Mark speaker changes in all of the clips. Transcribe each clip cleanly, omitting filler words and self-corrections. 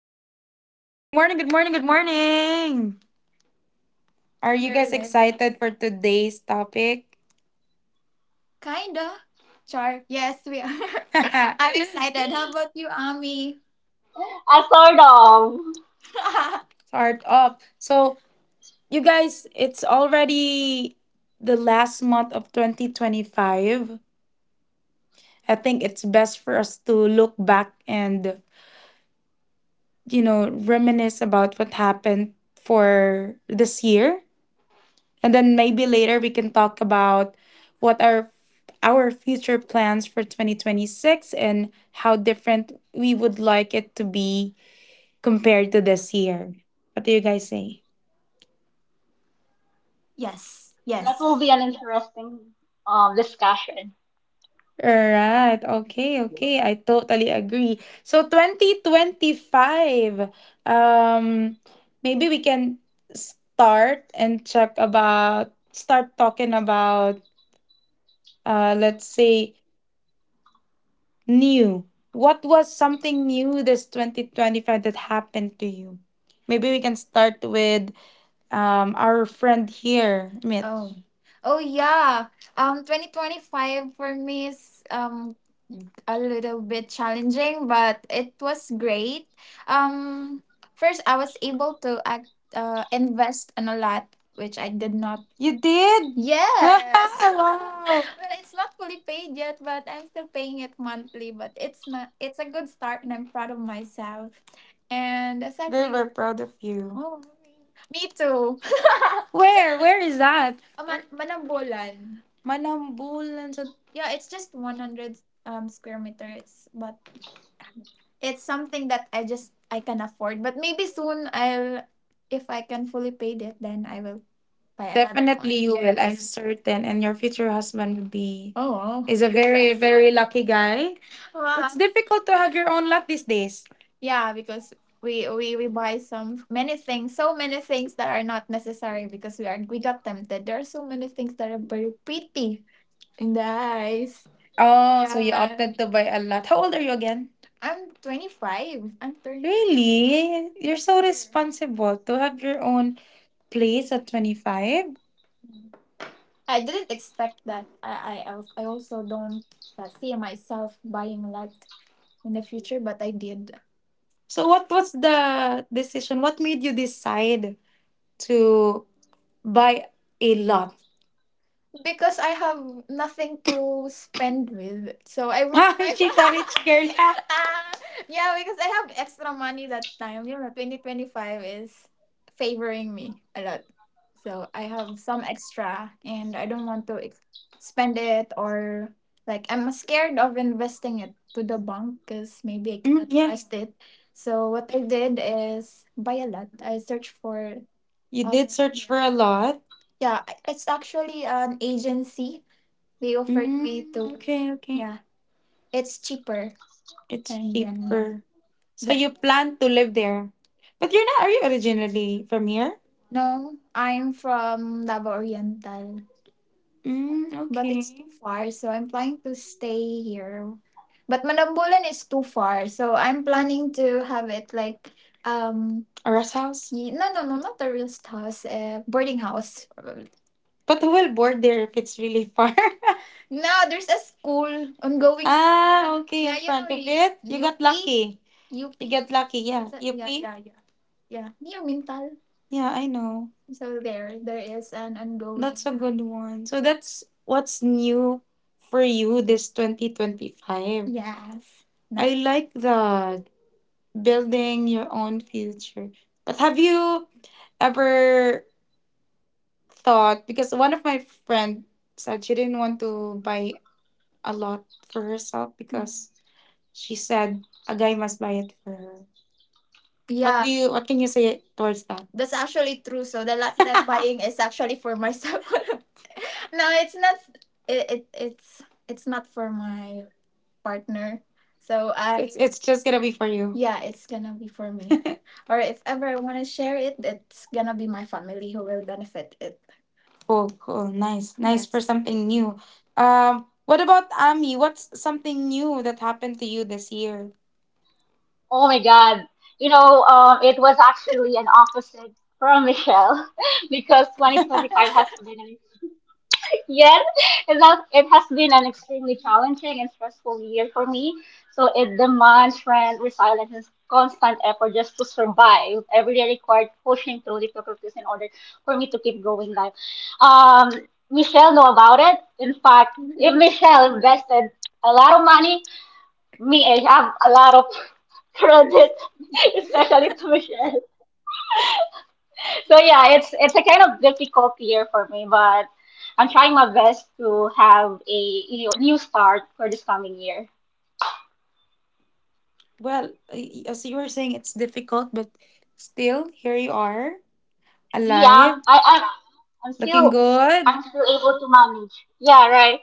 Speaker 1: morning. Good morning, good morning, good morning. Are you guys Good. Excited for today's topic? Kinda. Sure. Yes, we are. I'm excited. How about you, Ami?
Speaker 2: I sort of.
Speaker 1: Start off. You guys, it's already the last month of 2025. I think it's best for us to look back and reminisce about what happened for this year. And then maybe later we can talk about what are our future plans for 2026 and how different we would like it to be compared to this year. What do you guys say? Yes,
Speaker 2: That will
Speaker 1: yes.
Speaker 2: be an interesting discussion.
Speaker 1: Right. Okay, okay. I totally agree. So 2025. Um maybe we can start talking about let's say new. What was something new this 2025 that happened to you? Maybe we can start with our friend here, Mitch. Oh. Oh yeah. 2025 for me is a little bit challenging, but it was great. Um, first, I was able to invest on a lot, which I did not. You did? Yes. wow. Well, it's not fully paid yet, but I'm still paying it monthly. But it's not. It's a good start, and I'm proud of myself. And aside Girl, from, we proud of you. Oh, me too. Where? Where is that? Manambolan. Manambulan. So yeah, it's just 100 square meters, but it's something that I just I can afford, but maybe soon I'll, if I can fully pay it, then I will buy another one. Definitely one. You will, I'm yes certain. And your future husband will be oh wow is a very, very lucky guy. Wow. It's difficult to have your own lot these days. Yeah, because we buy some many things so many things that are not necessary because we are we got tempted, there are so many things that are very pretty in the eyes. Oh, so you yeah opted to buy a lot. How old are you again? I'm 25. I'm 25. Really? You're so responsible to have your own place at 25? I didn't expect that. I also don't see myself buying a lot in the future, but I did. So what was the decision? What made you decide to buy a lot? Because I have nothing to spend with. So I would wow, I, she's a rich girl. Ah, yeah, because I have extra money that time. You know, 2025 is favoring me a lot. So I have some extra and I don't want to spend it or like I'm scared of investing it to the bank because maybe I Mm, cannot yeah, trust it. So what I did is buy a lot. I searched for, you did search yeah for a lot. Yeah, it's actually an agency. They offered me Mm, to. Okay, okay. Yeah, it's cheaper. It's and then yeah cheaper. So but you plan to live there. But you're not, are you originally from here? No, I'm from Davao Oriental. Mm, but it's okay too far, so I'm planning to stay here. But Manambulan is too far, so I'm planning to have it like a rest house? No no no, not a real house, boarding house. But who will board there if it's really far? No, there's a school, ongoing school. Ah, school. Okay, yeah, in front of it. You got UP lucky. UP. You get lucky, yeah. It's yeah, UP? Yeah, yeah. Yeah, near Mintal. Yeah, I know. So there is an ongoing. That's a good one. So that's what's new for you this 2025. Yes. I nice like that. Building your own future. But have you ever thought, because one of my friend said she didn't want to buy a lot for herself because she said a guy must buy it for her. What yeah do you what can you say towards that? That's actually true. So the lot that I'm buying is actually for myself. No, it's not. It's not for my partner. So I, it's just gonna be for you. Yeah, it's gonna be for me. Or if ever I wanna share it, it's gonna be my family who will benefit it. Cool, cool. Nice. Nice for yes something new. What about Ami? What's something new that happened to you this year?
Speaker 2: Oh my God. It was actually an opposite from Michelle because 2025 has been an yes, it has been an extremely challenging and stressful year for me. So it demands strength, resilience, and constant effort just to survive. Every day required pushing through difficulties in order for me to keep going life. Um, Michelle know about it. In fact, if Michelle invested a lot of money, me, I have a lot of credit, especially to Michelle. So yeah, it's a kind of difficult year for me, but I'm trying my best to have a you know, new start for this coming year.
Speaker 1: Well, as you were saying, it's difficult, but still, here you are,
Speaker 2: Yeah,
Speaker 1: alive,
Speaker 2: I I'm, I'm
Speaker 1: looking
Speaker 2: still
Speaker 1: good.
Speaker 2: I'm still able to manage. Yeah, right.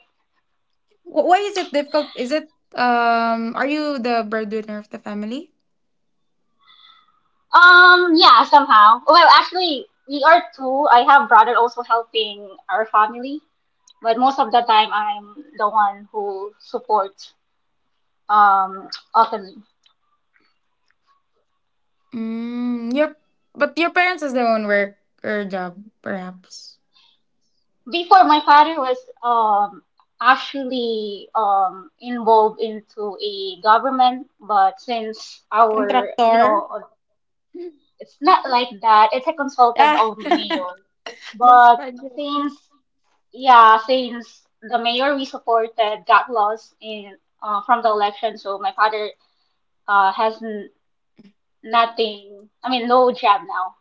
Speaker 1: Why is it difficult? Is it are you the breadwinner of the family?
Speaker 2: Yeah, somehow. Well, actually, we are two. I have brother also helping our family, but most of the time I'm the one who supports um Autumn.
Speaker 1: Mm, your, but your parents has their own work or job, perhaps.
Speaker 2: Before my father was um actually involved into a government, but since our, you
Speaker 1: Contractor.
Speaker 2: know, it's not like that, it's a consultant
Speaker 1: Ah,
Speaker 2: of mayor,
Speaker 1: lost
Speaker 2: but
Speaker 1: project.
Speaker 2: since yeah, since the mayor we supported got lost in from the election. So my father has nothing, I mean, no job now.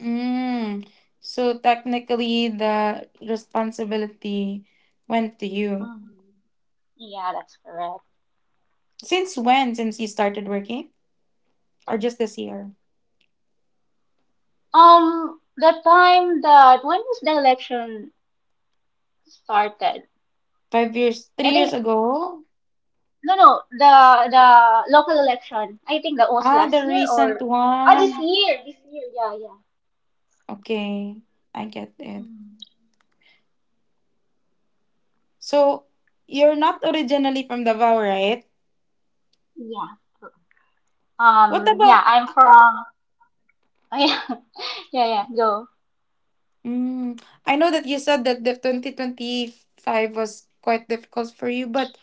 Speaker 1: Mm. So technically, the responsibility went to you.
Speaker 2: Mhm, yeah, that's correct.
Speaker 1: Since when? Since you started working? Or just this year?
Speaker 2: The time that when was the election started.
Speaker 1: 5 years,
Speaker 2: I
Speaker 1: 3 years
Speaker 2: think
Speaker 1: ago?
Speaker 2: no, no, the local election. I think that was
Speaker 1: Ah,
Speaker 2: last
Speaker 1: the
Speaker 2: year
Speaker 1: recent
Speaker 2: or this
Speaker 1: one.
Speaker 2: year, this year. Yeah, yeah,
Speaker 1: Okay, I get it.
Speaker 2: mm,
Speaker 1: So you're not originally from Davao, right?
Speaker 2: yeah.
Speaker 1: What
Speaker 2: Yeah,
Speaker 1: about?
Speaker 2: I'm from. Yeah, yeah, yeah. Go.
Speaker 1: Mm, I know that you said that the 2025 was quite difficult for you, but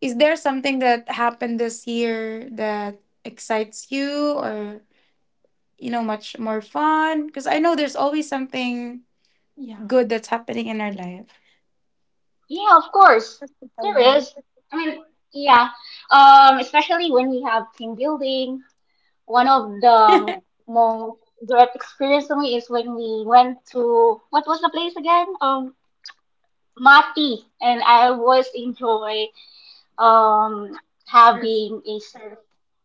Speaker 1: is there something that happened this year that excites you or, you know, much more fun? Because I know there's always something yeah good that's happening in our life.
Speaker 2: Yeah, of course there
Speaker 1: Surfable.
Speaker 2: is. I mean, yeah. Especially when we have team building. One of the most great experience for me is when we went to what was the place again? Mati, and I always enjoy. um
Speaker 1: Surf,
Speaker 2: Having a surf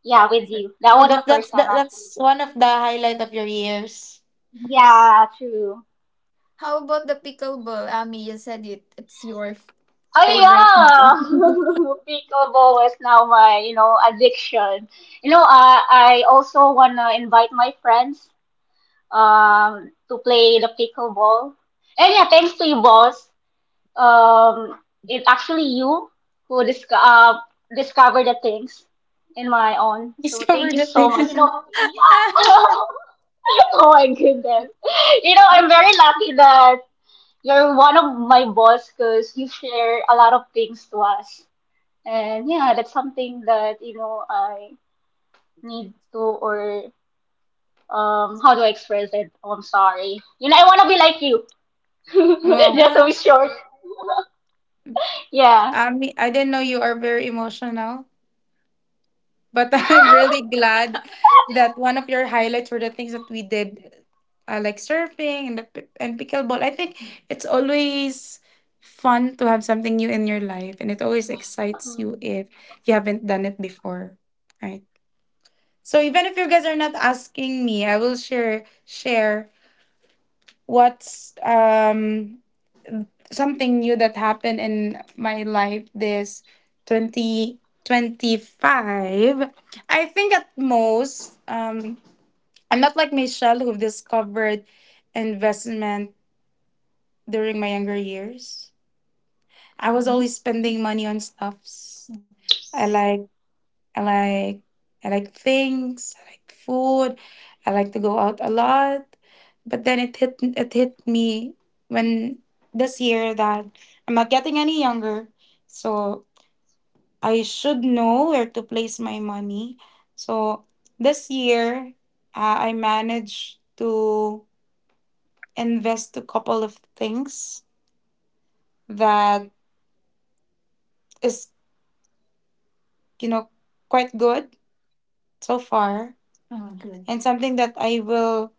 Speaker 2: yeah with
Speaker 1: surf.
Speaker 2: you. That
Speaker 1: So
Speaker 2: was my first time
Speaker 1: that,
Speaker 2: actually.
Speaker 1: that's one of the highlight of your years.
Speaker 2: Yeah, true.
Speaker 1: How about the pickleball? Ami, you said it, it's your
Speaker 2: Oh
Speaker 1: favorite.
Speaker 2: yeah, pickleball is now my you know addiction. You know, I also wanna invite my friends to play the pickleball. And yeah, thanks to you, boss. um, it's actually you who discovered the things in my own. So thank
Speaker 1: Discover
Speaker 2: you
Speaker 1: the
Speaker 2: so
Speaker 1: thing.
Speaker 2: much. You know, yeah. Oh my goodness. You know, I'm
Speaker 1: But
Speaker 2: very lucky that you're one of my boss because you share a lot of things to us. And yeah, that's something that, you know, I need to or how do I express it? Oh, I'm sorry. You know, I wanna be like you.
Speaker 1: well,
Speaker 2: Just to be
Speaker 1: ah.
Speaker 2: short. Yeah.
Speaker 1: I mean, I didn't know you are very emotional. But I'm really glad that one of your highlights were the things that we did, like surfing and pickleball. I think it's always fun to have something new in your life, and it always excites you
Speaker 2: Mm.
Speaker 1: if you haven't done it before, right? So even if you guys are not asking me, I will share what's something new that happened in my life this 2025. I think at most, I'm not like Michelle who discovered investment during my younger years. I was always
Speaker 2: Hmm.
Speaker 1: spending money on stuffs. i like I like, I like things, I like food, I like to go out a lot. But then it hit me when this year that I'm not getting any younger. So I should know where to place my money. So this year, I managed to invest a couple of things that is, you know, quite good so far. Oh, good. And something that I will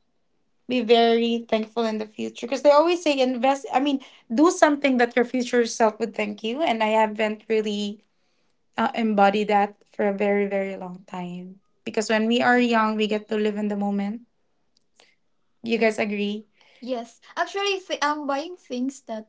Speaker 1: be very thankful in the future, because they always say invest, do something that your future self would thank you. And I haven't really, embodied that for a very, very long time, because when we are young we get to live in the moment. You guys agree? Yes, actually, I'm buying things that,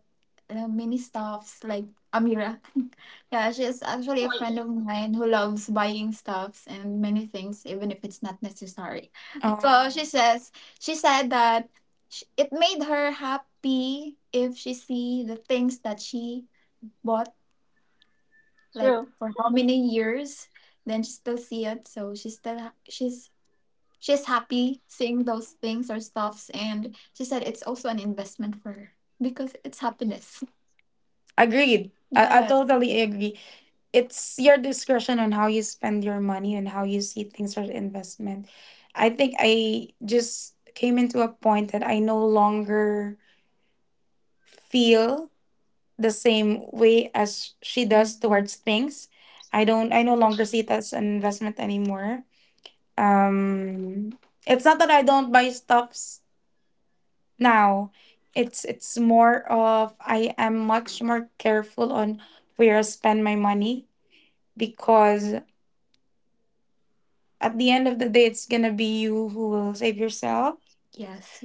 Speaker 1: mini stuffs like Amira. Yeah, she's actually a
Speaker 2: Well,
Speaker 1: friend of mine who loves buying stuffs and many things, even if it's not necessary. So oh, she said that it made her happy if she see the things that she bought, like
Speaker 2: true.
Speaker 1: for how many years. Then she still see it, so she still she's happy seeing those things or stuffs, and she said it's also an investment for her because it's happiness. Agreed. I yes totally agree. It's your discretion on how you spend your money and how you see things as investment. I think I just came into a point that I no longer feel the same way as she does towards things. I no longer see it as an investment anymore. Um it's not that I don't buy stuffs now. It's more of I am much more careful on where I spend my money, because at the end of the day it's gonna be you who will save yourself. Yes.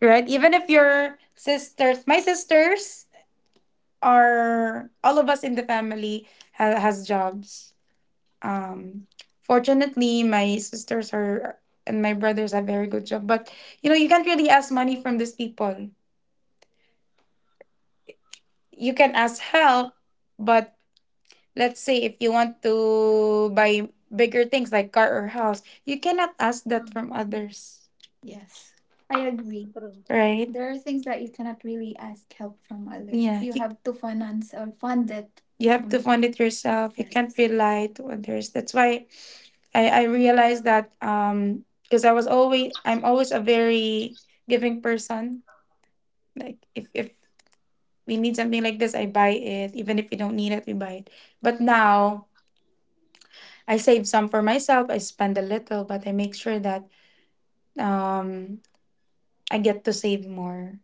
Speaker 1: Right, even if your sisters my sisters are, all of us in the family has jobs, um fortunately my sisters are, and my brothers have very good job, but you know you can't really ask money from these people. You can ask help, but let's say if you want to buy bigger things like car or house, you cannot ask that
Speaker 2: Mm.
Speaker 1: from others. Yes, I agree.
Speaker 2: True.
Speaker 1: Right? There are things that you cannot really ask help from others. Yeah. You have to finance or fund it you have to from fund it yourself. You can't yes rely to others. That's why I realized that because I'm always a very giving person. Like if we need something like this, I buy it. Even if we don't need it, we buy it. But now I save some for myself. I spend a little, but I make sure that, um, I get to save more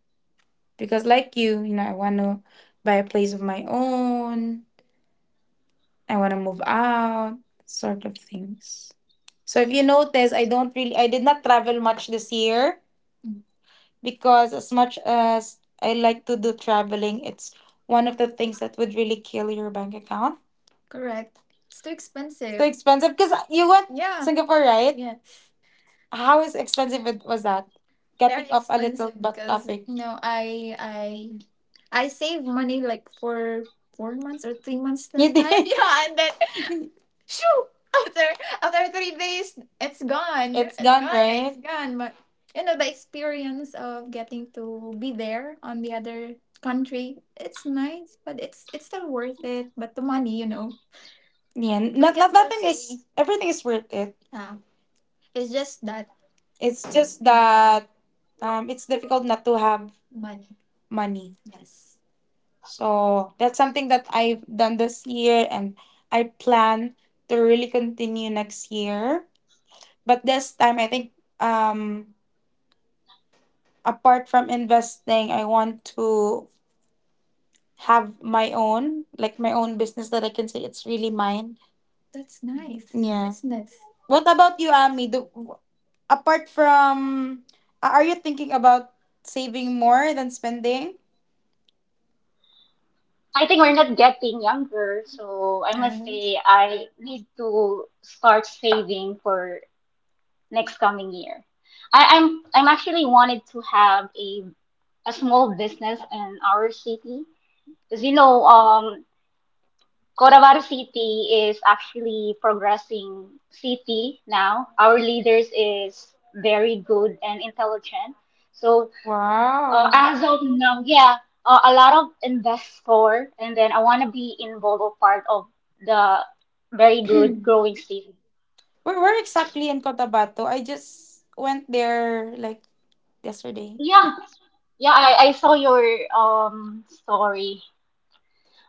Speaker 1: because, like you know, I want to buy a place of my own. I want to move out, sort of things. So if you notice, I don't really, I did not travel much this year because as much as I like to do traveling, it's one of the things that would really kill your bank account. Correct. It's too expensive. Expensive because you went. Yeah. Singapore, right? Yeah. How is expensive it- was that? Getting very off a little expensive but because topic. You know I save money like for 4 months or 3 months at a You time. did. Yeah, and then shoo, after after 3 days it's gone. It's gone, gone, it's right? Gone. But you know the experience of getting to be there on the other country, it's nice, but it's still worth it. But the money, you know, yeah. Not, like not it's nothing okay. Is fee. Everything is worth it. It's just that, it's just that it's difficult not to have money. Money. Yes. So that's something that I've done this year, and I plan to really continue next year. But this time I think apart from investing, I want to have my own, like my own business, that I can say it's really mine. That's nice.
Speaker 2: Mhm.
Speaker 1: Yeah. Business. What about you, Ami? Do, apart from are you thinking about saving more than spending?
Speaker 2: I think we're not getting younger, so I must
Speaker 1: Mhm.
Speaker 2: say I need to start saving for next coming year. I'm actually wanted to have a small business in our city because you know Cotabato City is actually progressing city now. Our leaders is very good and intelligent. So
Speaker 1: Wow.
Speaker 2: as of now, yeah, a lot of investor, and then I want to be involved or part of the very good growing season.
Speaker 1: Where exactly in cotabato? I just went there like yesterday.
Speaker 2: Yeah, yeah, I saw your story.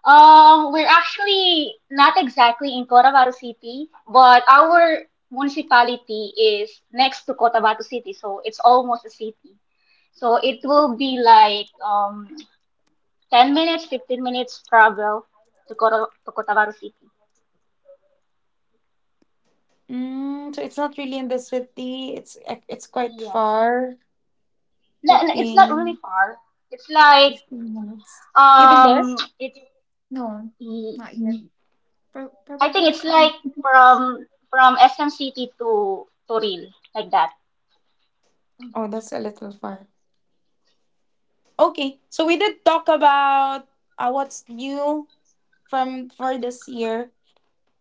Speaker 2: We're actually not exactly in Cotabato City, but our municipality is next to Cotabato City, so it's almost a city. So it will be like 10 minutes, 15 minutes travel to Cotabato City.
Speaker 1: Mm, so it's not really in the city. It's ac- it's quite
Speaker 2: Yes.
Speaker 1: far.
Speaker 2: No, no, it's not really
Speaker 1: Okay.
Speaker 2: far. It's like
Speaker 1: 15 minutes. You've been there?
Speaker 2: it's
Speaker 1: No, not yet. Mm. Pro-
Speaker 2: I think
Speaker 1: probably
Speaker 2: it's like
Speaker 1: soon.
Speaker 2: from SM City to Toril, like that.
Speaker 1: Oh, that's a little far. Okay, so we did talk about what's new from for this year,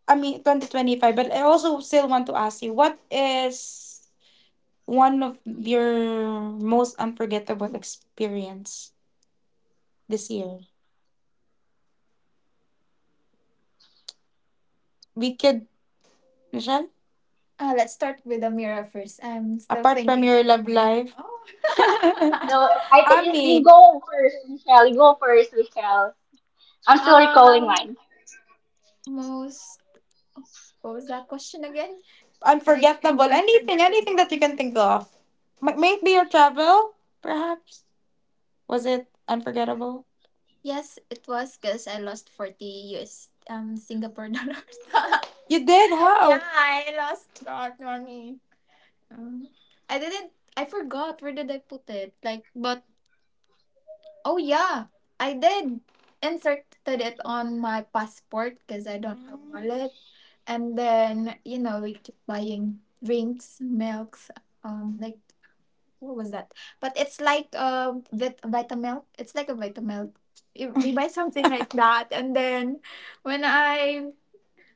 Speaker 1: I mean 2025, but I also still want to ask you, what is one of your most unforgettable experience this year? We could Michelle, let's start with the mirror first. I'm still apart from thinking your love life. Oh.
Speaker 2: So I think you, you
Speaker 1: Ami,
Speaker 2: go first, Michelle. You go first, Michelle. I'm still recalling
Speaker 1: um,
Speaker 2: mine.
Speaker 1: most. What was that question again? Like unforgettable. Anything, anything that you can think of. M- maybe your travel, perhaps. Was it unforgettable? Yes, it was because I lost 40 US Singapore dollars. You did? Yeah. How? I lost that money. Um, I didn't. I forgot where did I put it. Like, but oh yeah, I did inserted it on my passport because I don't have wallet. And then you know we keep buying drinks, milks, like what was that? But it's like Vitamilk. It's like a Vitamilk. You, we buy something like that, and then when I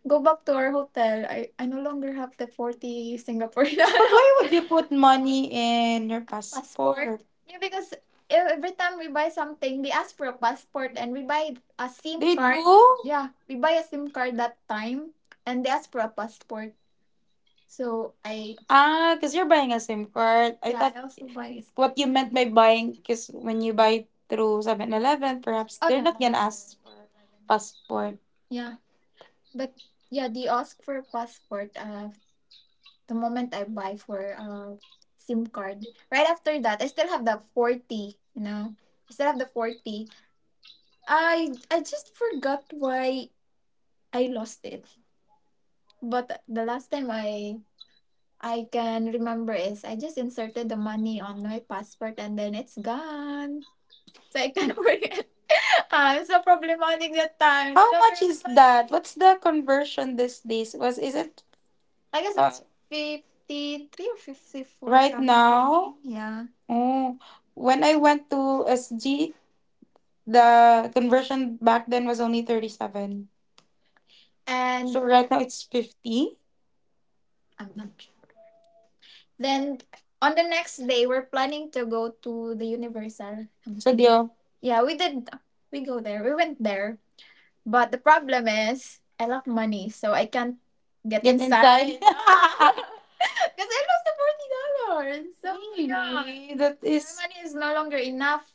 Speaker 1: go back to our hotel, I no longer have the 40 Singapore But dollar why would you put money in your passport. Passport? Yeah, because every time we buy something, they ask for a passport, and we buy a SIM They card. Do? Yeah, we buy a SIM card that time, and they ask for a passport. So I, ah, because you're buying a SIM card. I yeah, thought I also buy a what you meant by buying, because when you buy through 7-Eleven, perhaps. Oh they're no. not gonna ask for passport. Yeah. But yeah, they ask for passport the moment I buy for SIM card. Right after that I still have the 40, you know. I still have the 40. I just forgot why I lost it. But the last time I can remember is I just inserted the money on my passport and then it's gone. So I can't forget. I'm so problematic that time. How do much is remember. That? What's the conversion these days? Was is it, I guess it's 53 or 54 right Something. Now? Yeah. Oh, when I went to SG, the conversion back then was only 37. And so right now it's 50. I'm not. Then on the next day, we're planning to go to the Universal. Studio. Yeah, we did. We go there. We went there. But the problem is, I lack money, so I can't get inside. Inside. Because I lost the $40. So yeah. Really? My money is no longer enough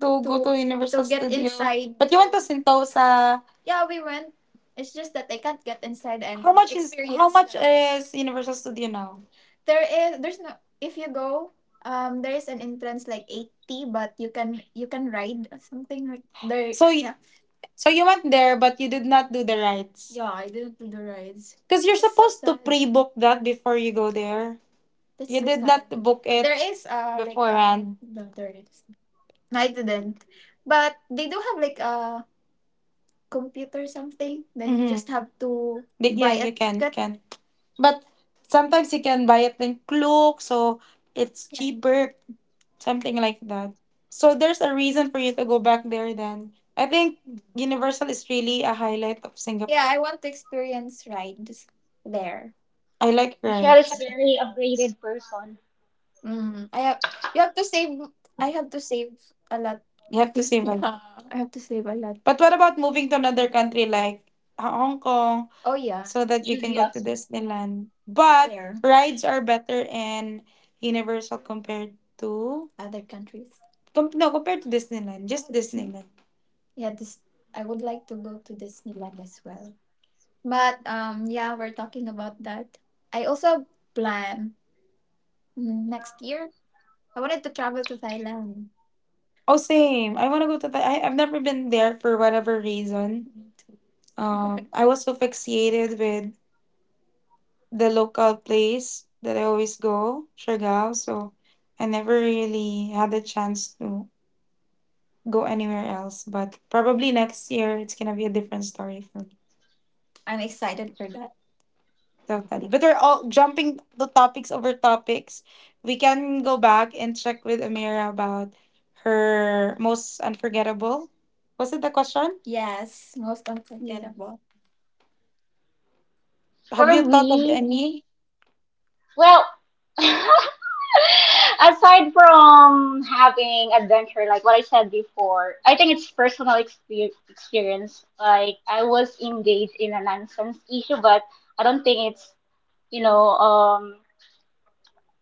Speaker 1: to go to Universal to get Studio. Inside. But you went to Sentosa. Yeah, we went. It's just that I can't get inside and how much is experience, how much the is Universal Studio now? There is, there's no, if you go there is an entrance like 80, but you can, you can ride or something like there. So y- yeah, so you went there but you did not do the rides. Yeah, I didn't do the rides. Cuz you're it's so supposed to sad pre-book that before you go there. That's you so did sad. Not book it there is like a beforehand. No, there is. No, I didn't. But they do have like a computer something. Then you mm-hmm. Just have to but yeah, buy a you can, ticket. Can. But sometimes you can buy it in Klook, so it's yeah, cheaper, something like that. So there's a reason for you to go back there then. I think Universal is really a highlight of yeah, Singapore. I want to experience rides there. I like
Speaker 2: Michelle is a
Speaker 1: rides.
Speaker 2: very upgraded person.
Speaker 1: Mhm. I have, you have to save. I have to save a lot. You have to save a lot. Yeah. I have to save a lot. But what about moving to another country like Hong Kong? Oh yeah. So that you can go
Speaker 2: India.
Speaker 1: to Disneyland? But there. Rides are better and Universal compared to other countries. No, compared to Disneyland, just Disneyland. Yeah, this, I would like to go to Disneyland as well. But yeah, we're talking about that. I also plan, mm, next year I wanted to travel to Thailand. Oh, same. I want to go to Thailand. I've never been there for whatever reason. I was so fixated with the local place that I always go, Siargao, so I never really had the chance to go anywhere else. But probably next year, it's gonna be a different story for me. I'm excited for that. Totally. But we're all jumping the topics over topics. We can go back and check with Amira about her most unforgettable. Was it the question? Yes, most
Speaker 2: Yeah.
Speaker 1: unforgettable. Have
Speaker 2: For
Speaker 1: you thought of
Speaker 2: me,
Speaker 1: any?
Speaker 2: well, aside from having adventure, like what I said before, I think it's personal experience. Like I was engaged in a nonsense issue, but I don't think it's, you know,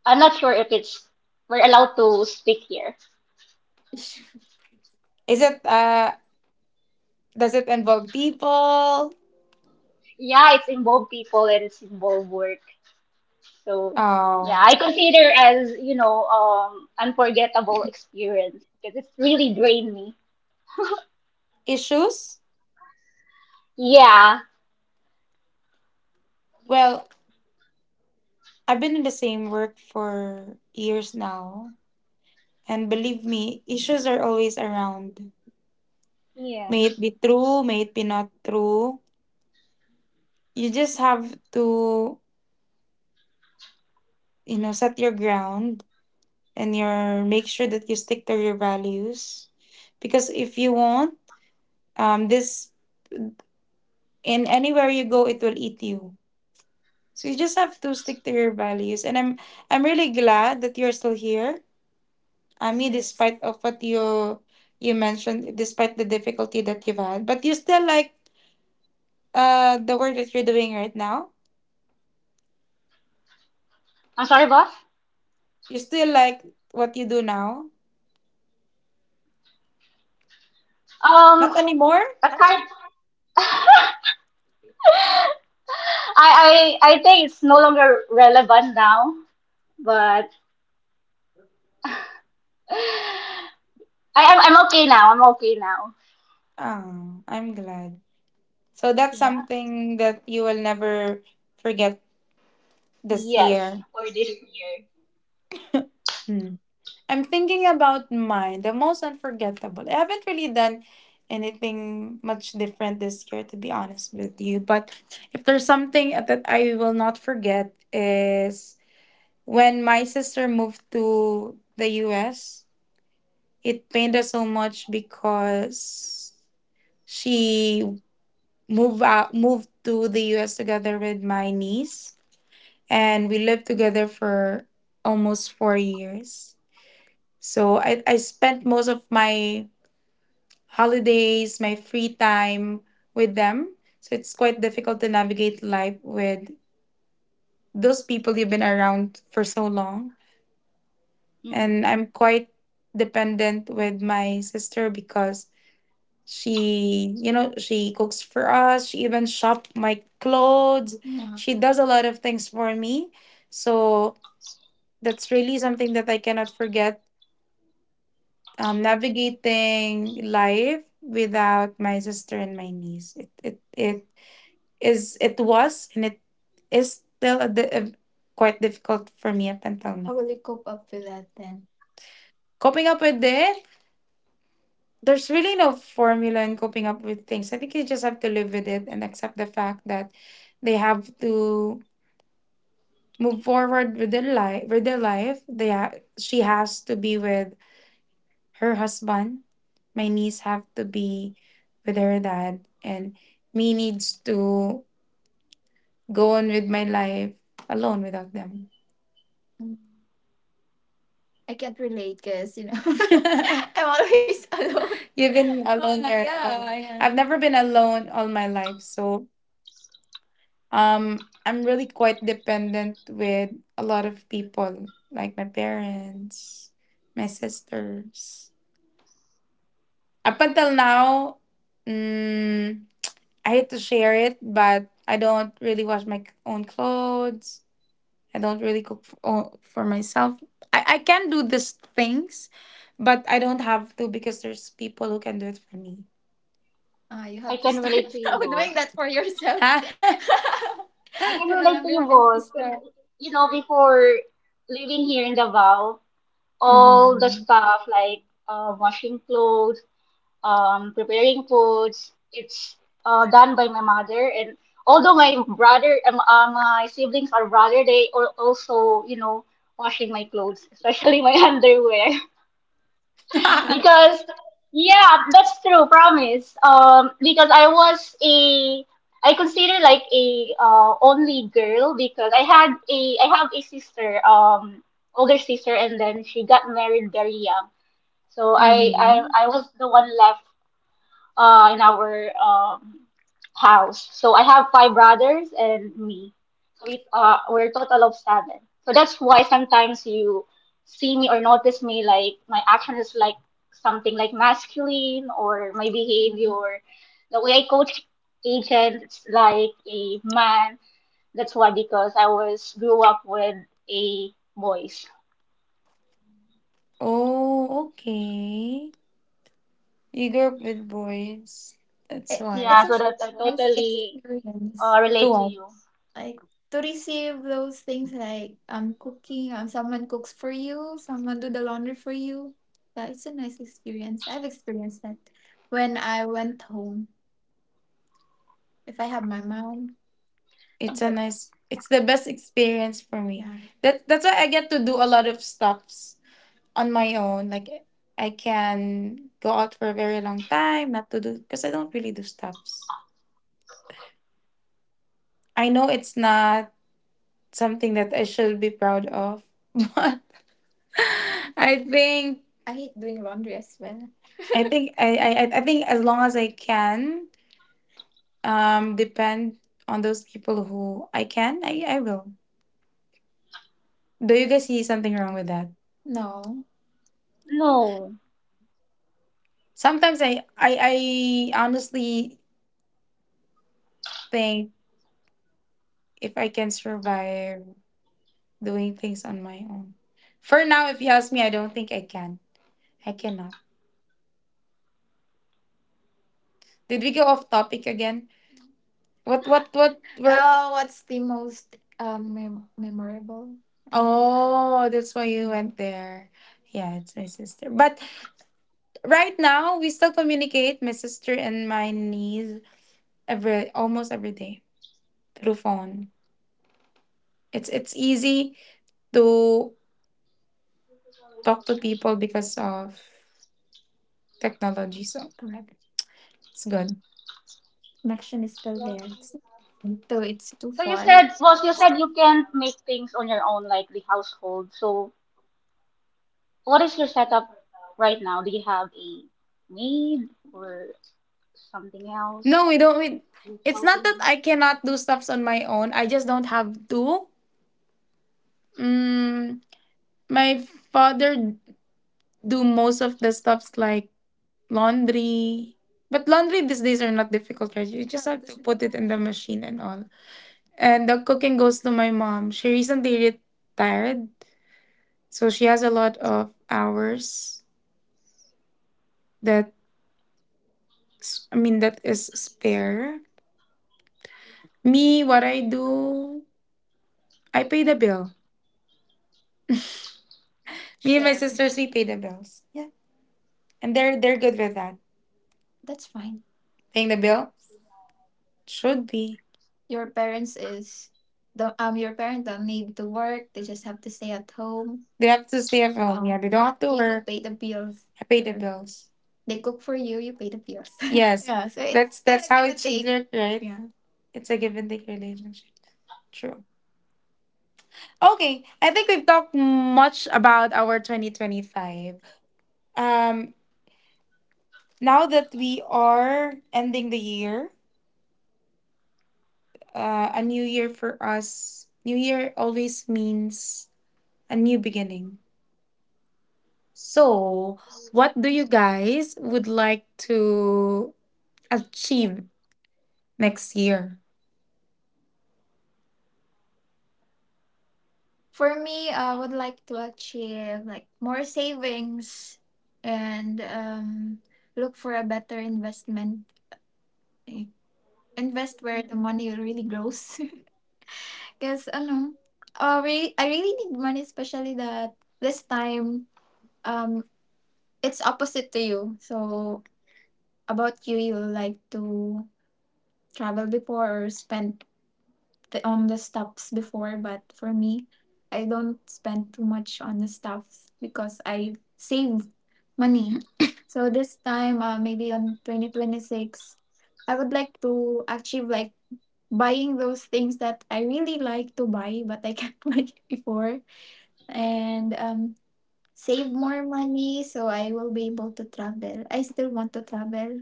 Speaker 2: I'm not sure if it's we're allowed to speak here.
Speaker 1: Is it does it involve people?
Speaker 2: Yeah, it's involved people and it's involved work. So yeah,
Speaker 1: Oh,
Speaker 2: I consider as, you know, unforgettable experience because it's really drained me.
Speaker 1: issues?
Speaker 2: Yeah.
Speaker 1: Well, I've been in the same work for years now, and believe me, issues are always around.
Speaker 2: Yeah.
Speaker 1: May it be true, may it be not true. You just have to, you know, set your ground and your make sure that you stick to your values, because if you won't, this, in anywhere you go it will eat you. So you just have to stick to your values, and I'm really glad that you're still here. I mean despite of what you mentioned, despite the difficulty that you've had, but you still like the work that you're doing right now.
Speaker 2: I'm sorry, boss.
Speaker 1: You still like what you do now?
Speaker 2: Um,
Speaker 1: Not anymore.
Speaker 2: aside, I, I think it's no longer relevant now, but I I'm okay now. I'm okay now.
Speaker 1: Oh, I'm glad. So that's
Speaker 2: Yeah.
Speaker 1: something that you will never forget this
Speaker 2: Yes.
Speaker 1: year.
Speaker 2: For this year.
Speaker 1: Hmm. I'm thinking about mine, the most unforgettable. I haven't really done anything much different this year, to be honest with you. But if there's something that I will not forget is when my sister moved to the US, it pained her so much because she moved out, moved to the US together with my niece, and we lived together for almost 4 years. So I spent most of my holidays, my free time with them. So it's quite difficult to navigate life with those people you've been around for so long.
Speaker 2: Hmm.
Speaker 1: And I'm quite dependent with my sister because she, you know, she cooks for us. She even shops my clothes. Yeah. She does a lot of things for me. So that's really something that I cannot forget, navigating life without my sister and my niece. It is, it was, and it is still a quite difficult for me up until now. How will you cope up with that then? Coping up with it, there's really no formula in coping up with things. I think you just have to live with it and accept the fact that they have to move forward with their life. With their life, they ha- she has to be with her husband. My niece have to be with her dad, and me needs to go on with my life alone without them. Mm. I can't relate because, you know, I'm always alone. You've been alone. There. Yeah, yeah. I've never been alone all my life, so I'm really quite dependent with a lot of people, like my parents, my sisters. Up until now, mm, I hate to share it, but I don't really wash my own clothes. I don't really cook for, oh, for myself. I can do these things, but I don't have to because there's people who can do it for me. Ah, you
Speaker 2: I
Speaker 1: have to
Speaker 2: can relate
Speaker 1: start
Speaker 2: to you,
Speaker 1: now doing
Speaker 2: boss.
Speaker 1: that for yourself.
Speaker 2: I
Speaker 1: You
Speaker 2: can
Speaker 1: no
Speaker 2: relate
Speaker 1: longer
Speaker 2: to
Speaker 1: have
Speaker 2: you,
Speaker 1: your
Speaker 2: boss.
Speaker 1: sister.
Speaker 2: 'Cause, you know, before living here in Davao, all the
Speaker 1: hmm
Speaker 2: stuff like washing clothes, preparing foods. It's done by my mother, and although my brother, my siblings are brother, they are also, you know, washing my clothes, especially my underwear, because yeah, that's true, promise. Because I consider like a only girl because I have a sister, older sister, and then she got married very young. So I
Speaker 1: hmm
Speaker 2: I I was the one left in our house. So I have 5 brothers and me. So we're a total of 7. So that's why sometimes you see me or notice me like my action is like something like masculine or my behavior, the way I coach agents like a man. That's why because I was grew up with a boys.
Speaker 1: Oh, okay. You grew up with boys. That's It, why. It's
Speaker 2: Yeah, so
Speaker 1: actually
Speaker 2: that I
Speaker 1: a nice
Speaker 2: totally
Speaker 1: experience. To
Speaker 2: relate to
Speaker 1: what?
Speaker 2: you.
Speaker 1: Like to receive those things like cooking, someone cooks for you, someone do the laundry for you. That is a nice experience. I've experienced that when I went home, if I have my mom. It's a but nice. It's the best experience for me, yeah. That's why I get to do a lot of stuffs on my own. Like I can go out for a very long time, not to do because I don't really do stuffs. I know it's not something that I should be proud of, but I think I hate doing laundry as well. I think I think as long as I can, depend on those people who I can, I will. Do you guys see something wrong with that? No.
Speaker 2: No.
Speaker 1: Sometimes I honestly think if I can survive doing things on my own. For now, if you ask me, I don't think I can. I cannot. Did we go off topic again? What's the most memorable? Oh, that's why you went there. Yeah, it's my sister. But right now, we still communicate, my sister and my niece, every almost every day through phone. It's easy to talk to people because of technology, so Correct. It's good. Connection is still there. It's- Though it's too
Speaker 2: So you
Speaker 1: far.
Speaker 2: said, was you
Speaker 1: It's-
Speaker 2: said you can't make things on your own, like the household. So what is your setup right now? Do you have a maid or something else
Speaker 1: No, we don't. We,
Speaker 2: who's
Speaker 1: it's not
Speaker 2: helping
Speaker 1: that
Speaker 2: you?
Speaker 1: I cannot do stuffs on my own. I just don't have to. Mm, my father do most of the stuffs like laundry. But laundry these days are not difficult, right? You just have to put it in the machine and all. And the cooking goes to my mom. She recently retired, so she has a lot of hours that I mean that is spare. Me, what I do, I pay the bill. Me and my Share. Sisters, we pay the bills. Yeah, and they're good with that. That's fine. Paying the bill should be. Your parents is the your parents don't need to work. They just have to stay at home. They have to stay at home. Yeah, um, they don't have to you work. Pay the bills. I pay the bills. They cook for you. You pay the bills. Yes, yeah. So it's that's how and it should work, right? Yeah. It's a give and take relationship. True. Okay, I think we've talked much about our 2025. Um, now that we are ending the year, a new year for us, new year always means a new beginning. So, what do you guys would like to achieve next year? For me, I would like to achieve like more savings and look for a better investment, invest where the money really grows. Because ano, I really need money, especially that this time um it's opposite to you. So about you, you like to travel before or spend on the stuffs before, but for me, I don't spend too much on the stuffs because I save money. So this time, maybe on 2026, I would like to achieve like buying those things that I really like to buy but I can't buy before, and save more money so I will be able to travel. I still want to travel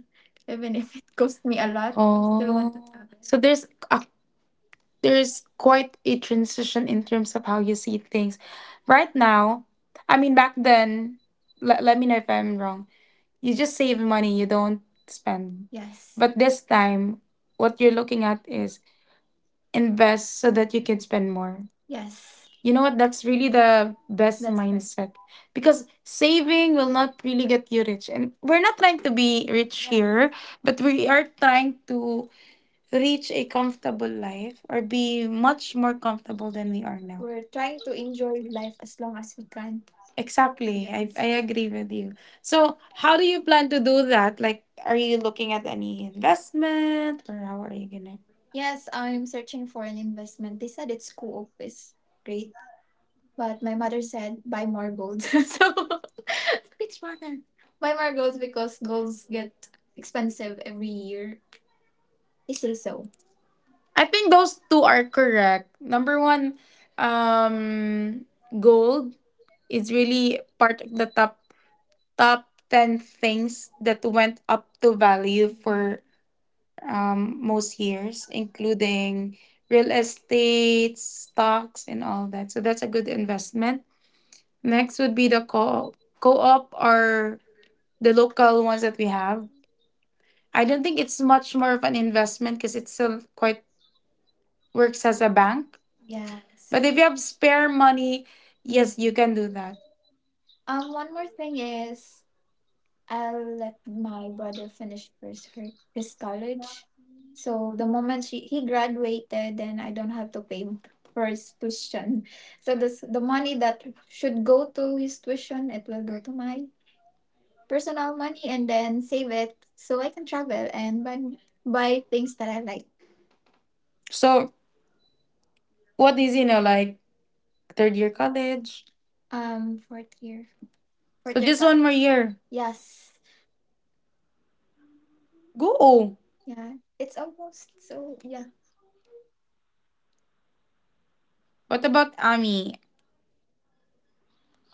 Speaker 1: even if it costs me a lot. I still want to Oh, travel. So there's quite a transition in terms of how you see things. Right now, I mean back then, let me know if I'm wrong. You just save money, you don't spend. Yes. But this time, what you're looking at is invest so that you can spend more. Yes. You know what? That's really the best That's correct. Mindset because saving will not really get you rich. And we're not trying to be rich Yeah. here, but we are trying to reach a comfortable life or be much more comfortable than we are now. We're trying to enjoy life as long as we can. Exactly. I, Yes. I agree with you. So, how do you plan to do that? Like, are you looking at any investment or how are you gonna? Yes, I'm searching for an investment. They said it's co-op is great, but my mother said buy more gold. So which mother? Buy more gold because golds get expensive every year. They say so. I think those two are correct. Number one, um, gold is really part of the top ten things that went up to value for most years, including real estate, stocks, and all that. So that's a good investment. Next would be the co co-op or the local ones that we have. I don't think it's much more of an investment because it's still quite works as a bank. Yes. But if you have spare money, yes, you can do that. One more thing is I'll let my brother finish first her his college. So the moment she he graduated, then I don't have to pay him for his tuition. So this the money that should go to his tuition, it will go to my personal money and then save it so I can travel and buy things that I like. So what is you know like Third year college. Fourth year. Fourth So year just one college. More college. Year. Yes. Go. Yeah. It's almost so yeah. What about Ami?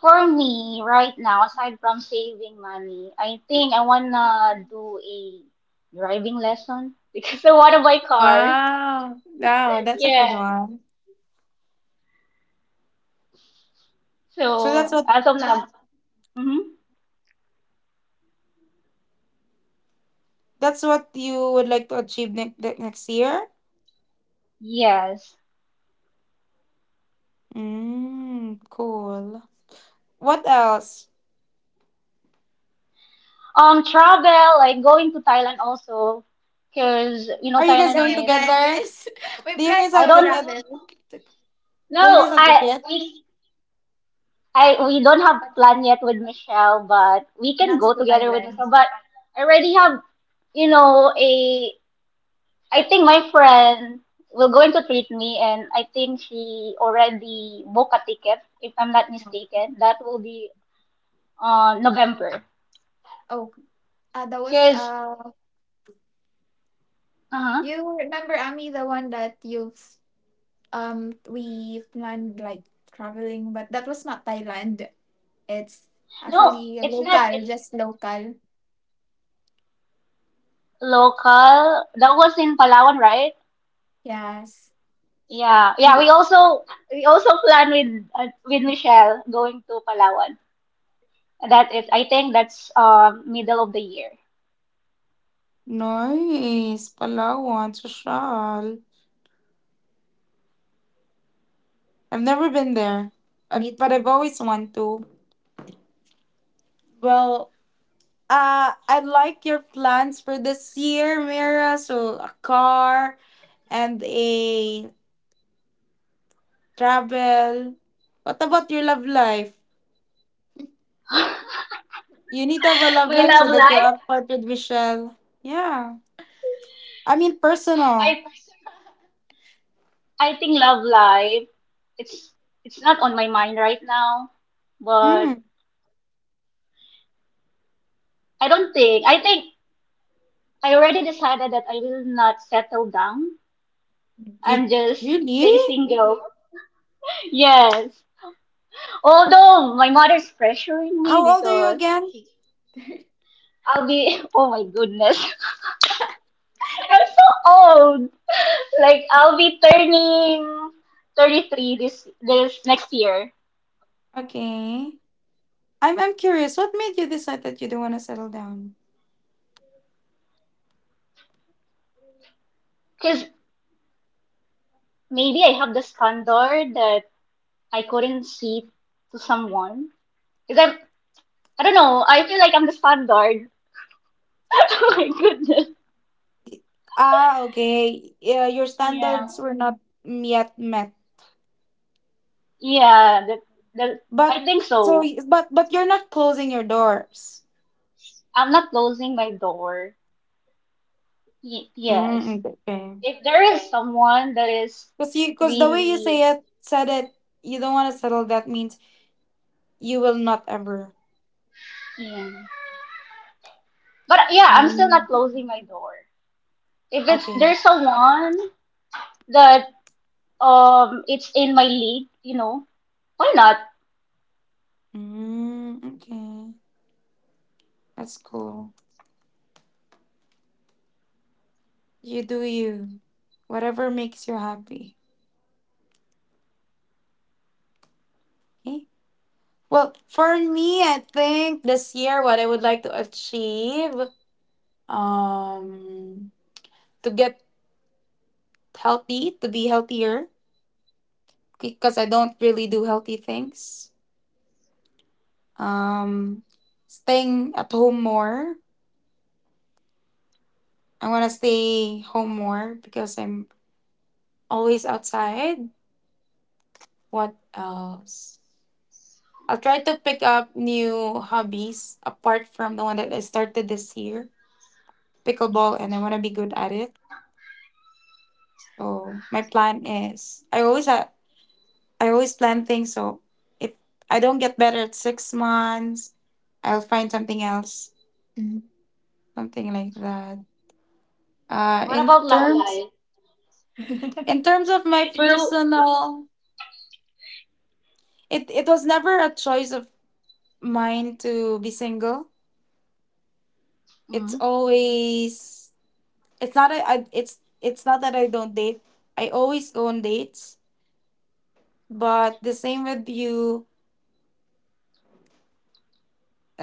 Speaker 3: For me, right now, aside from saving money, I think I wanna do a driving lesson because I wanna buy car.
Speaker 1: Wow. Wow, that's a good
Speaker 3: Yeah.
Speaker 1: one. So
Speaker 3: So as of now, hmm
Speaker 1: that's what you would like to achieve next year?
Speaker 3: yes.
Speaker 1: Mm, cool. What else?
Speaker 3: Travel like going to Thailand also, because you know
Speaker 1: Are you guys Yeah,
Speaker 3: Thailand
Speaker 1: going we
Speaker 3: is.
Speaker 1: plan together? This. we Do you plan guys
Speaker 3: I
Speaker 1: have to ticket?
Speaker 3: don't.
Speaker 1: Travel. Do you guys
Speaker 3: No,
Speaker 1: No, have ticket?
Speaker 3: we I we don't have
Speaker 1: But
Speaker 3: plan yet with Michelle, but we can
Speaker 1: not
Speaker 3: go
Speaker 1: to
Speaker 3: together with
Speaker 1: Thailand.
Speaker 3: Michelle. But I already have a I think my friend will going to treat me, and I think she already booked a ticket, if I'm not
Speaker 1: No.
Speaker 3: mistaken. That will be on November.
Speaker 1: Oh, that was
Speaker 3: Because, uh-huh.
Speaker 1: You remember Ami, the one that you've we planned like traveling, but that was not Thailand. It's
Speaker 3: No,
Speaker 1: actually
Speaker 3: it's not.
Speaker 1: local,
Speaker 3: It's
Speaker 1: just local.
Speaker 3: local. That was in Palawan, right?
Speaker 1: Yes.
Speaker 3: Yeah, yeah.
Speaker 1: You
Speaker 3: We also plan with Michelle going to Palawan. That is, I think that's middle of the year.
Speaker 1: nice, Palawan, Social. I've never been there, Me but too. I've always want to. Well, I like your plans for this year, Mira. So a car and a travel. What about your love life? You need to have a love
Speaker 3: My
Speaker 1: life so
Speaker 3: love
Speaker 1: that you'll
Speaker 3: life.
Speaker 1: have part with Michelle. Yeah. I mean, personal.
Speaker 3: I I think love life it's it's not on my mind right now, but
Speaker 1: Mm.
Speaker 3: I don't think I already decided that I will not settle down.
Speaker 1: You
Speaker 3: I'm just
Speaker 1: really?
Speaker 3: stay single. Yes. Although my mother's pressuring me
Speaker 1: How old are you
Speaker 3: because
Speaker 1: again?
Speaker 3: I'll be oh my goodness. I'm so old. Like I'll be turning 33 this next year.
Speaker 1: Okay. I'm curious. What made you decide that you don't want to settle down?
Speaker 3: Cuz maybe I have the standard that I couldn't see to someone. Because I'm, I don't know, I feel like I'm the standard. Oh my goodness.
Speaker 1: Ah, okay. Yeah, your
Speaker 3: Yeah.
Speaker 1: standards were not yet met.
Speaker 3: Yeah, that, that,
Speaker 1: But
Speaker 3: I think
Speaker 1: so,
Speaker 3: so.
Speaker 1: but you're not closing your doors.
Speaker 3: I'm not closing my door. Y- yes.
Speaker 1: Mm, okay.
Speaker 3: If there is someone that is
Speaker 1: Cause you, cause the way you
Speaker 3: really,
Speaker 1: said it, you don't want to settle. That means you will not ever.
Speaker 3: yeah. But yeah, I'm still
Speaker 1: Mm,
Speaker 3: not closing my door. If it's
Speaker 1: okay.
Speaker 3: there's someone that it's in my league, you know, why not?
Speaker 1: Mm, okay. That's cool. You do you. Whatever makes you happy. Okay. Well, for me, I think this year what I would like to achieve um to get healthy, to be healthier because I don't really do healthy things. Um, staying at home more. I want to stay home more because I'm always outside. What else? I'll try to pick up new hobbies apart from the one that I started this year, pickleball, and I want to be good at it. So my plan is I always plan things. So if I don't get better at 6 months, I'll find something else, Mhm. something like that.
Speaker 3: What
Speaker 1: In
Speaker 3: about love
Speaker 1: terms
Speaker 3: life?
Speaker 1: in terms of my
Speaker 3: You.
Speaker 1: personal, it was never a choice of mine to be single. It's
Speaker 3: Mm-hmm.
Speaker 1: always it's not that I don't date. I always go on dates, but the same with you.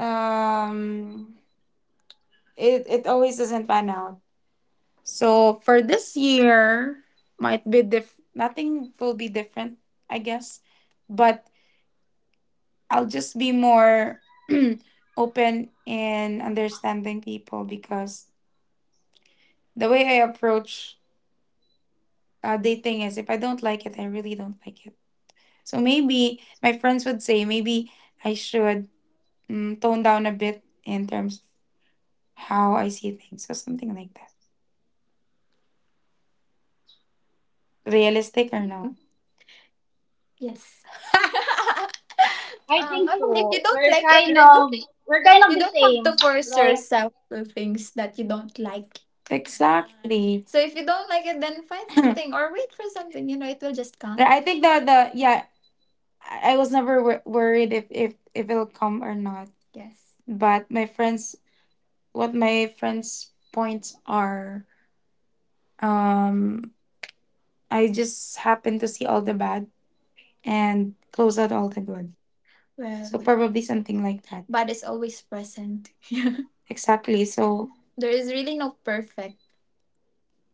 Speaker 1: Um, it always doesn't pan out. So for this year, might be diff. Nothing will be different, I guess. But I'll just be more open in understanding people because the way I approach dating is if I don't like it, I really don't like it. So maybe my friends would say maybe I should tone down a bit in terms of how I see things. Or something like that. Realistic or no? Yes.
Speaker 3: I think
Speaker 1: I mean, if you
Speaker 3: so.
Speaker 1: don't like it, then don't,
Speaker 3: We're kind of
Speaker 1: you
Speaker 3: the
Speaker 1: don't have to
Speaker 3: same.
Speaker 1: force
Speaker 3: Like
Speaker 1: yourself to things that you don't like. Exactly. So if you don't like it, then find something or wait for something. You know, it will just come. I think that the yeah, I was never worried if if it'll come or not. Yes. But my friends what my friends' points are. Um, I just happen to see all the bad and close out all the good. Well, so probably something like that. Bad is always present. Yeah. Exactly. So there is really no perfect.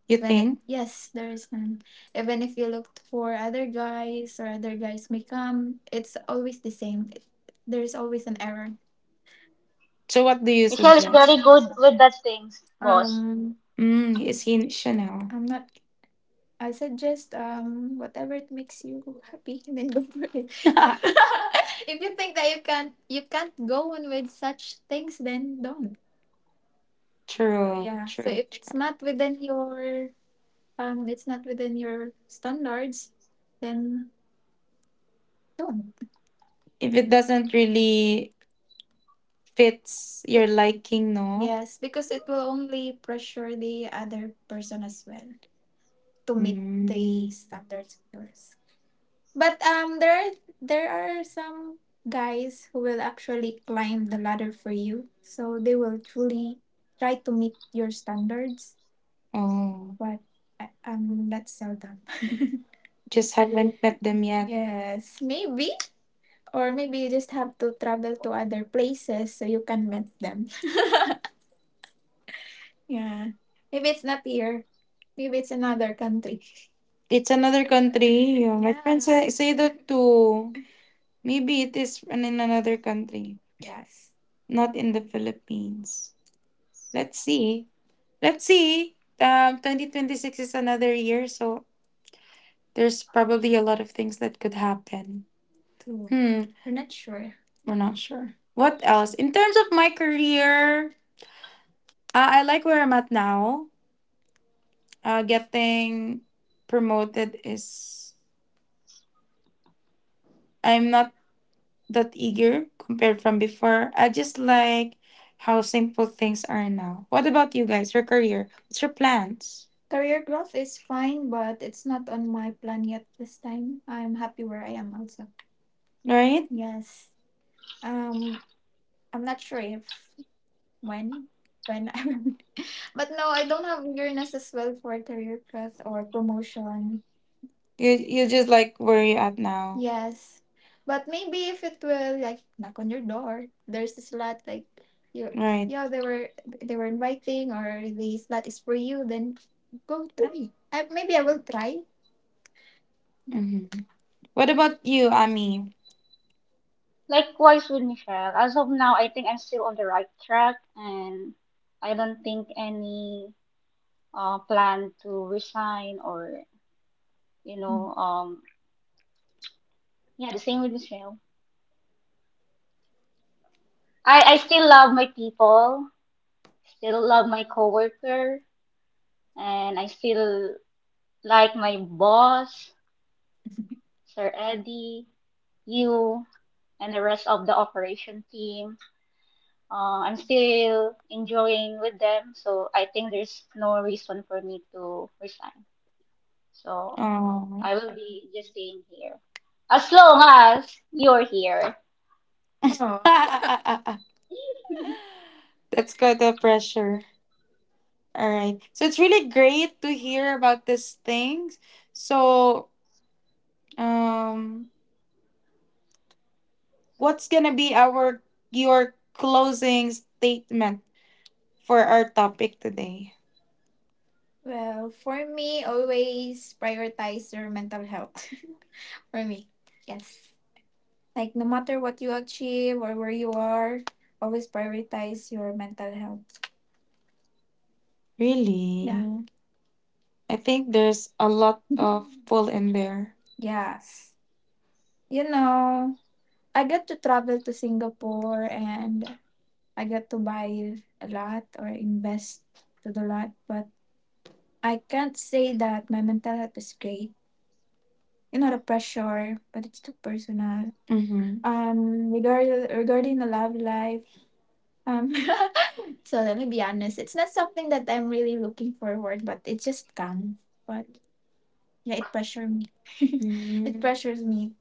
Speaker 1: You When it, think? Yes, there is none. Even if you looked for other guys or other guys may come, it's always the same. There's always an error. So what do you
Speaker 3: Michelle is very
Speaker 1: suggest?
Speaker 3: good with that things, boss.
Speaker 1: Is he in Chanel? I'm not. I suggest whatever it makes you happy, and then go for it. If you think that you can't go on with such things, then don't. So true, yeah. So true, if it's true. Not within your It's not within your standards, then don't. If it doesn't really fits your liking, no? Yes, because it will only pressure the other person as well to meet, mm, the standards of yours. But there there are some guys who will actually climb the ladder for you, so they will truly try to meet your standards. Oh, but that's seldom. Just haven't met them yet. Yes, maybe, or maybe you just have to travel to other places so you can meet them. Yeah, maybe it's not here. Maybe it's another country. It's another country. Yeah, my friends, yeah, say that too. Maybe it is run in another country. Yes. Not in the Philippines. Let's see. Let's see. 2026 is another year, so there's probably a lot of things that could happen. True. Hmm. We're not sure. We're not sure. What else? In terms of my career, I like where I'm at now. Getting promoted is. I'm not that eager compared from before. I just like how simple things are now. What about you guys? Your career? What's your plans? Career growth is fine, but it's not on my plan yet this time. I'm happy where I am also. Right? Yes. Um, I'm not sure if when when I'm. But no, I don't have eagerness as well for career growth or promotion. You just like where you at now. Yes. But maybe if it will like knock on your door, there's a slot like you, right, yeah, they were inviting or the slot is for you, then go try. I, maybe I will try. Hmm. What about you, Ami?
Speaker 3: Likewise with Michelle. As of now, I think I'm still on the right track, and I don't think any plan to resign or you
Speaker 1: Mm.
Speaker 3: know um yeah, the same with Michelle. I still love my people, still love my coworker, and I still like my boss, Sir Eddie, you. And the rest of the operation team. I'm still enjoying with them, so I think there's no reason for me to resign. So
Speaker 1: Oh.
Speaker 3: I will be just staying here as long as you're here.
Speaker 1: Aw. That's quite a pressure. All right. So it's really great to hear about these things. So, um, what's gonna be our your closing statement for our topic today? Well, for me, always prioritize your mental health. For me, yes. Like, no matter what you achieve or where you are, always prioritize your mental health. Really? Yeah. Mm. I think there's a lot of pull in there. Yes. You know, I got to travel to Singapore and I got to buy a lot or invest to the lot, but I can't say that my mental health is great. You know the pressure, but it's too personal. Mm-hmm. Regarding the love life, um, so let me be honest, it's not something that I'm really looking forward, but it just comes. But yeah, it pressures me. Mm. it Mm-hmm. Pressures me,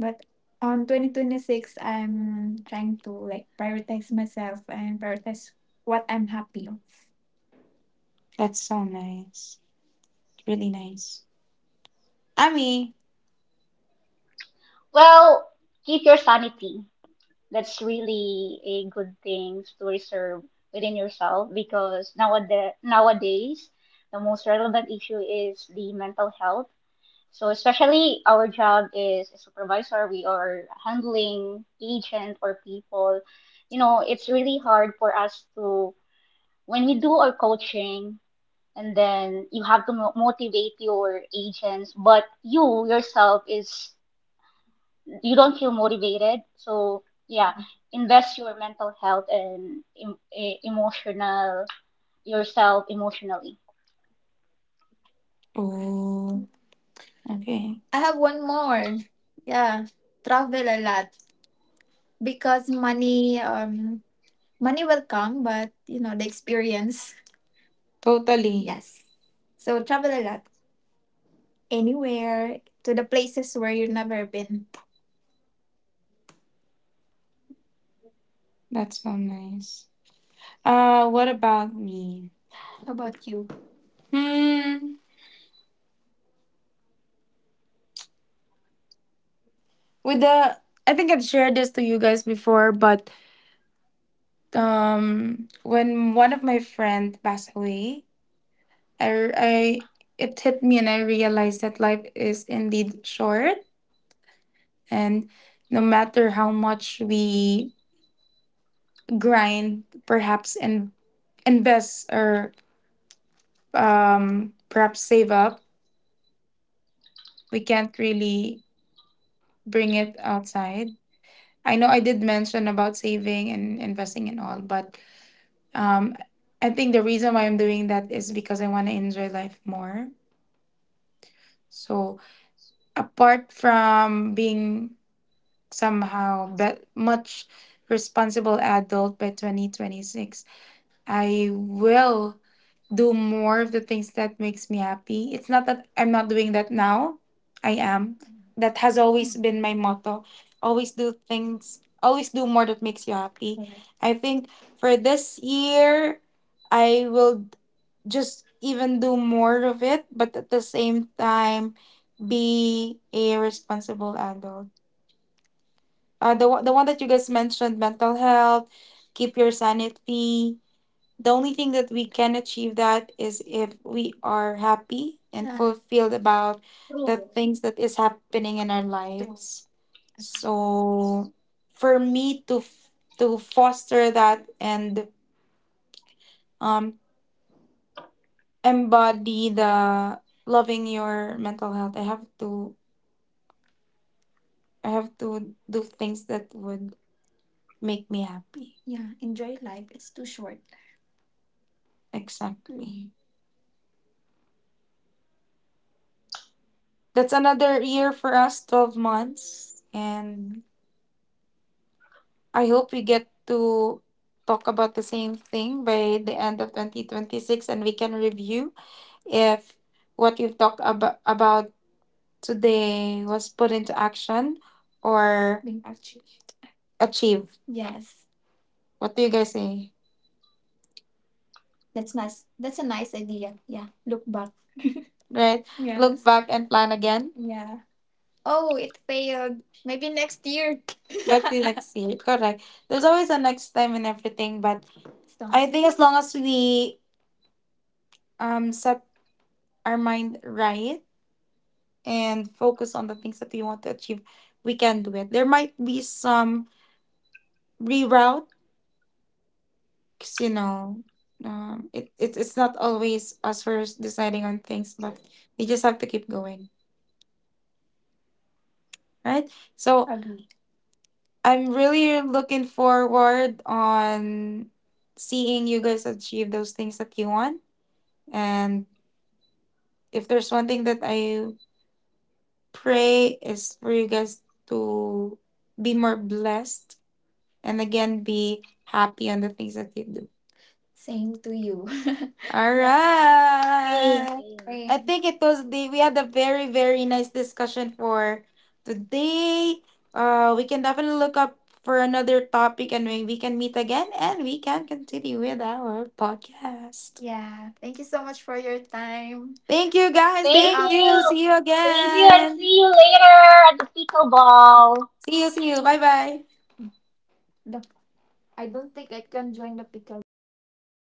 Speaker 1: but on 2026 I'm trying to like prioritize myself and prioritize what I'm happy of. That's so nice. Really nice. Ami,
Speaker 3: Well, keep your sanity. That's really a good thing to reserve within yourself because nowadays, nowadays the most relevant issue is the mental health. So especially our job is a supervisor, we are handling agent or people. You know, it's really hard for us to when we do our coaching and then you have to motivate your agents, but you yourself is you don't feel motivated. So yeah, invest your mental health and emotional yourself emotionally.
Speaker 1: oh, okay. I have one more. Yeah, travel a lot because money, money will come, but you know the experience. Totally. Yes. So travel a lot, anywhere to the places where you've never been. That's so nice. What about me? How about you? Hmm. With the, I think I've shared this to you guys before, but when one of my friend passed away I it hit me and I realized that life is indeed short and no matter how much we grind perhaps and invest or perhaps save up we can't really bring it outside. I know I did mention about saving and investing and all, but um I think the reason why I'm doing that is because I want to enjoy life more. So apart from being much responsible adult by 2026 I will do more of the things that makes me happy. It's not that I'm not doing that now. I am. That has always
Speaker 3: Mm.
Speaker 1: been my motto. Always do things, always do more that makes you happy. Mhm. I think for this year I will just even do more of it, but at the same time, be a responsible adult. The one that you guys mentioned, mental health, keep your sanity. The only thing that we can achieve that is if we are happy and, uh, fulfilled about the
Speaker 3: True.
Speaker 1: things that is happening in our lives. So for me to to foster that and um. embody the loving your mental health. I have to do things that would make me happy. Yeah, enjoy life. It's too short. Exactly. That's another year for us, 12 months. And I hope we get to talk about the same thing by the end of 2026 and we can review if what we've talked about today was put into action or being achieved. Achieved. Yes. What do you guys say? That's nice. That's a nice idea. Yeah. Look back. Right? Yeah. Look back and plan again. Yeah. Oh, it failed. Maybe next year. Maybe next year. Correct. There's always a next time and everything, but so, I think as long as we set our mind right and focus on the things that we want to achieve, we can do it. There might be some reroute. 'Cause, you know, it's not always us first deciding on things, but you just have to keep going, right? So agree. I'm really looking forward on seeing you guys achieve those things that you want. And if there's one thing that I pray is for you guys to be more blessed and again be happy on the things that you do. Same to you. All
Speaker 3: Same,
Speaker 1: yeah. right. I
Speaker 3: same.
Speaker 1: same. Think it was the we had a very very nice discussion for today. We can definitely look up for another topic, and we can meet again, and we can continue with our podcast. Yeah. Thank you so much for your time. Thank you guys. See thank
Speaker 3: Thank
Speaker 1: after you.
Speaker 3: you.
Speaker 1: See you
Speaker 3: Thank you, and
Speaker 1: again.
Speaker 3: see you later at the pickleball.
Speaker 1: See you. See you. Bye bye. The I don't think I can join the pickleball, but I will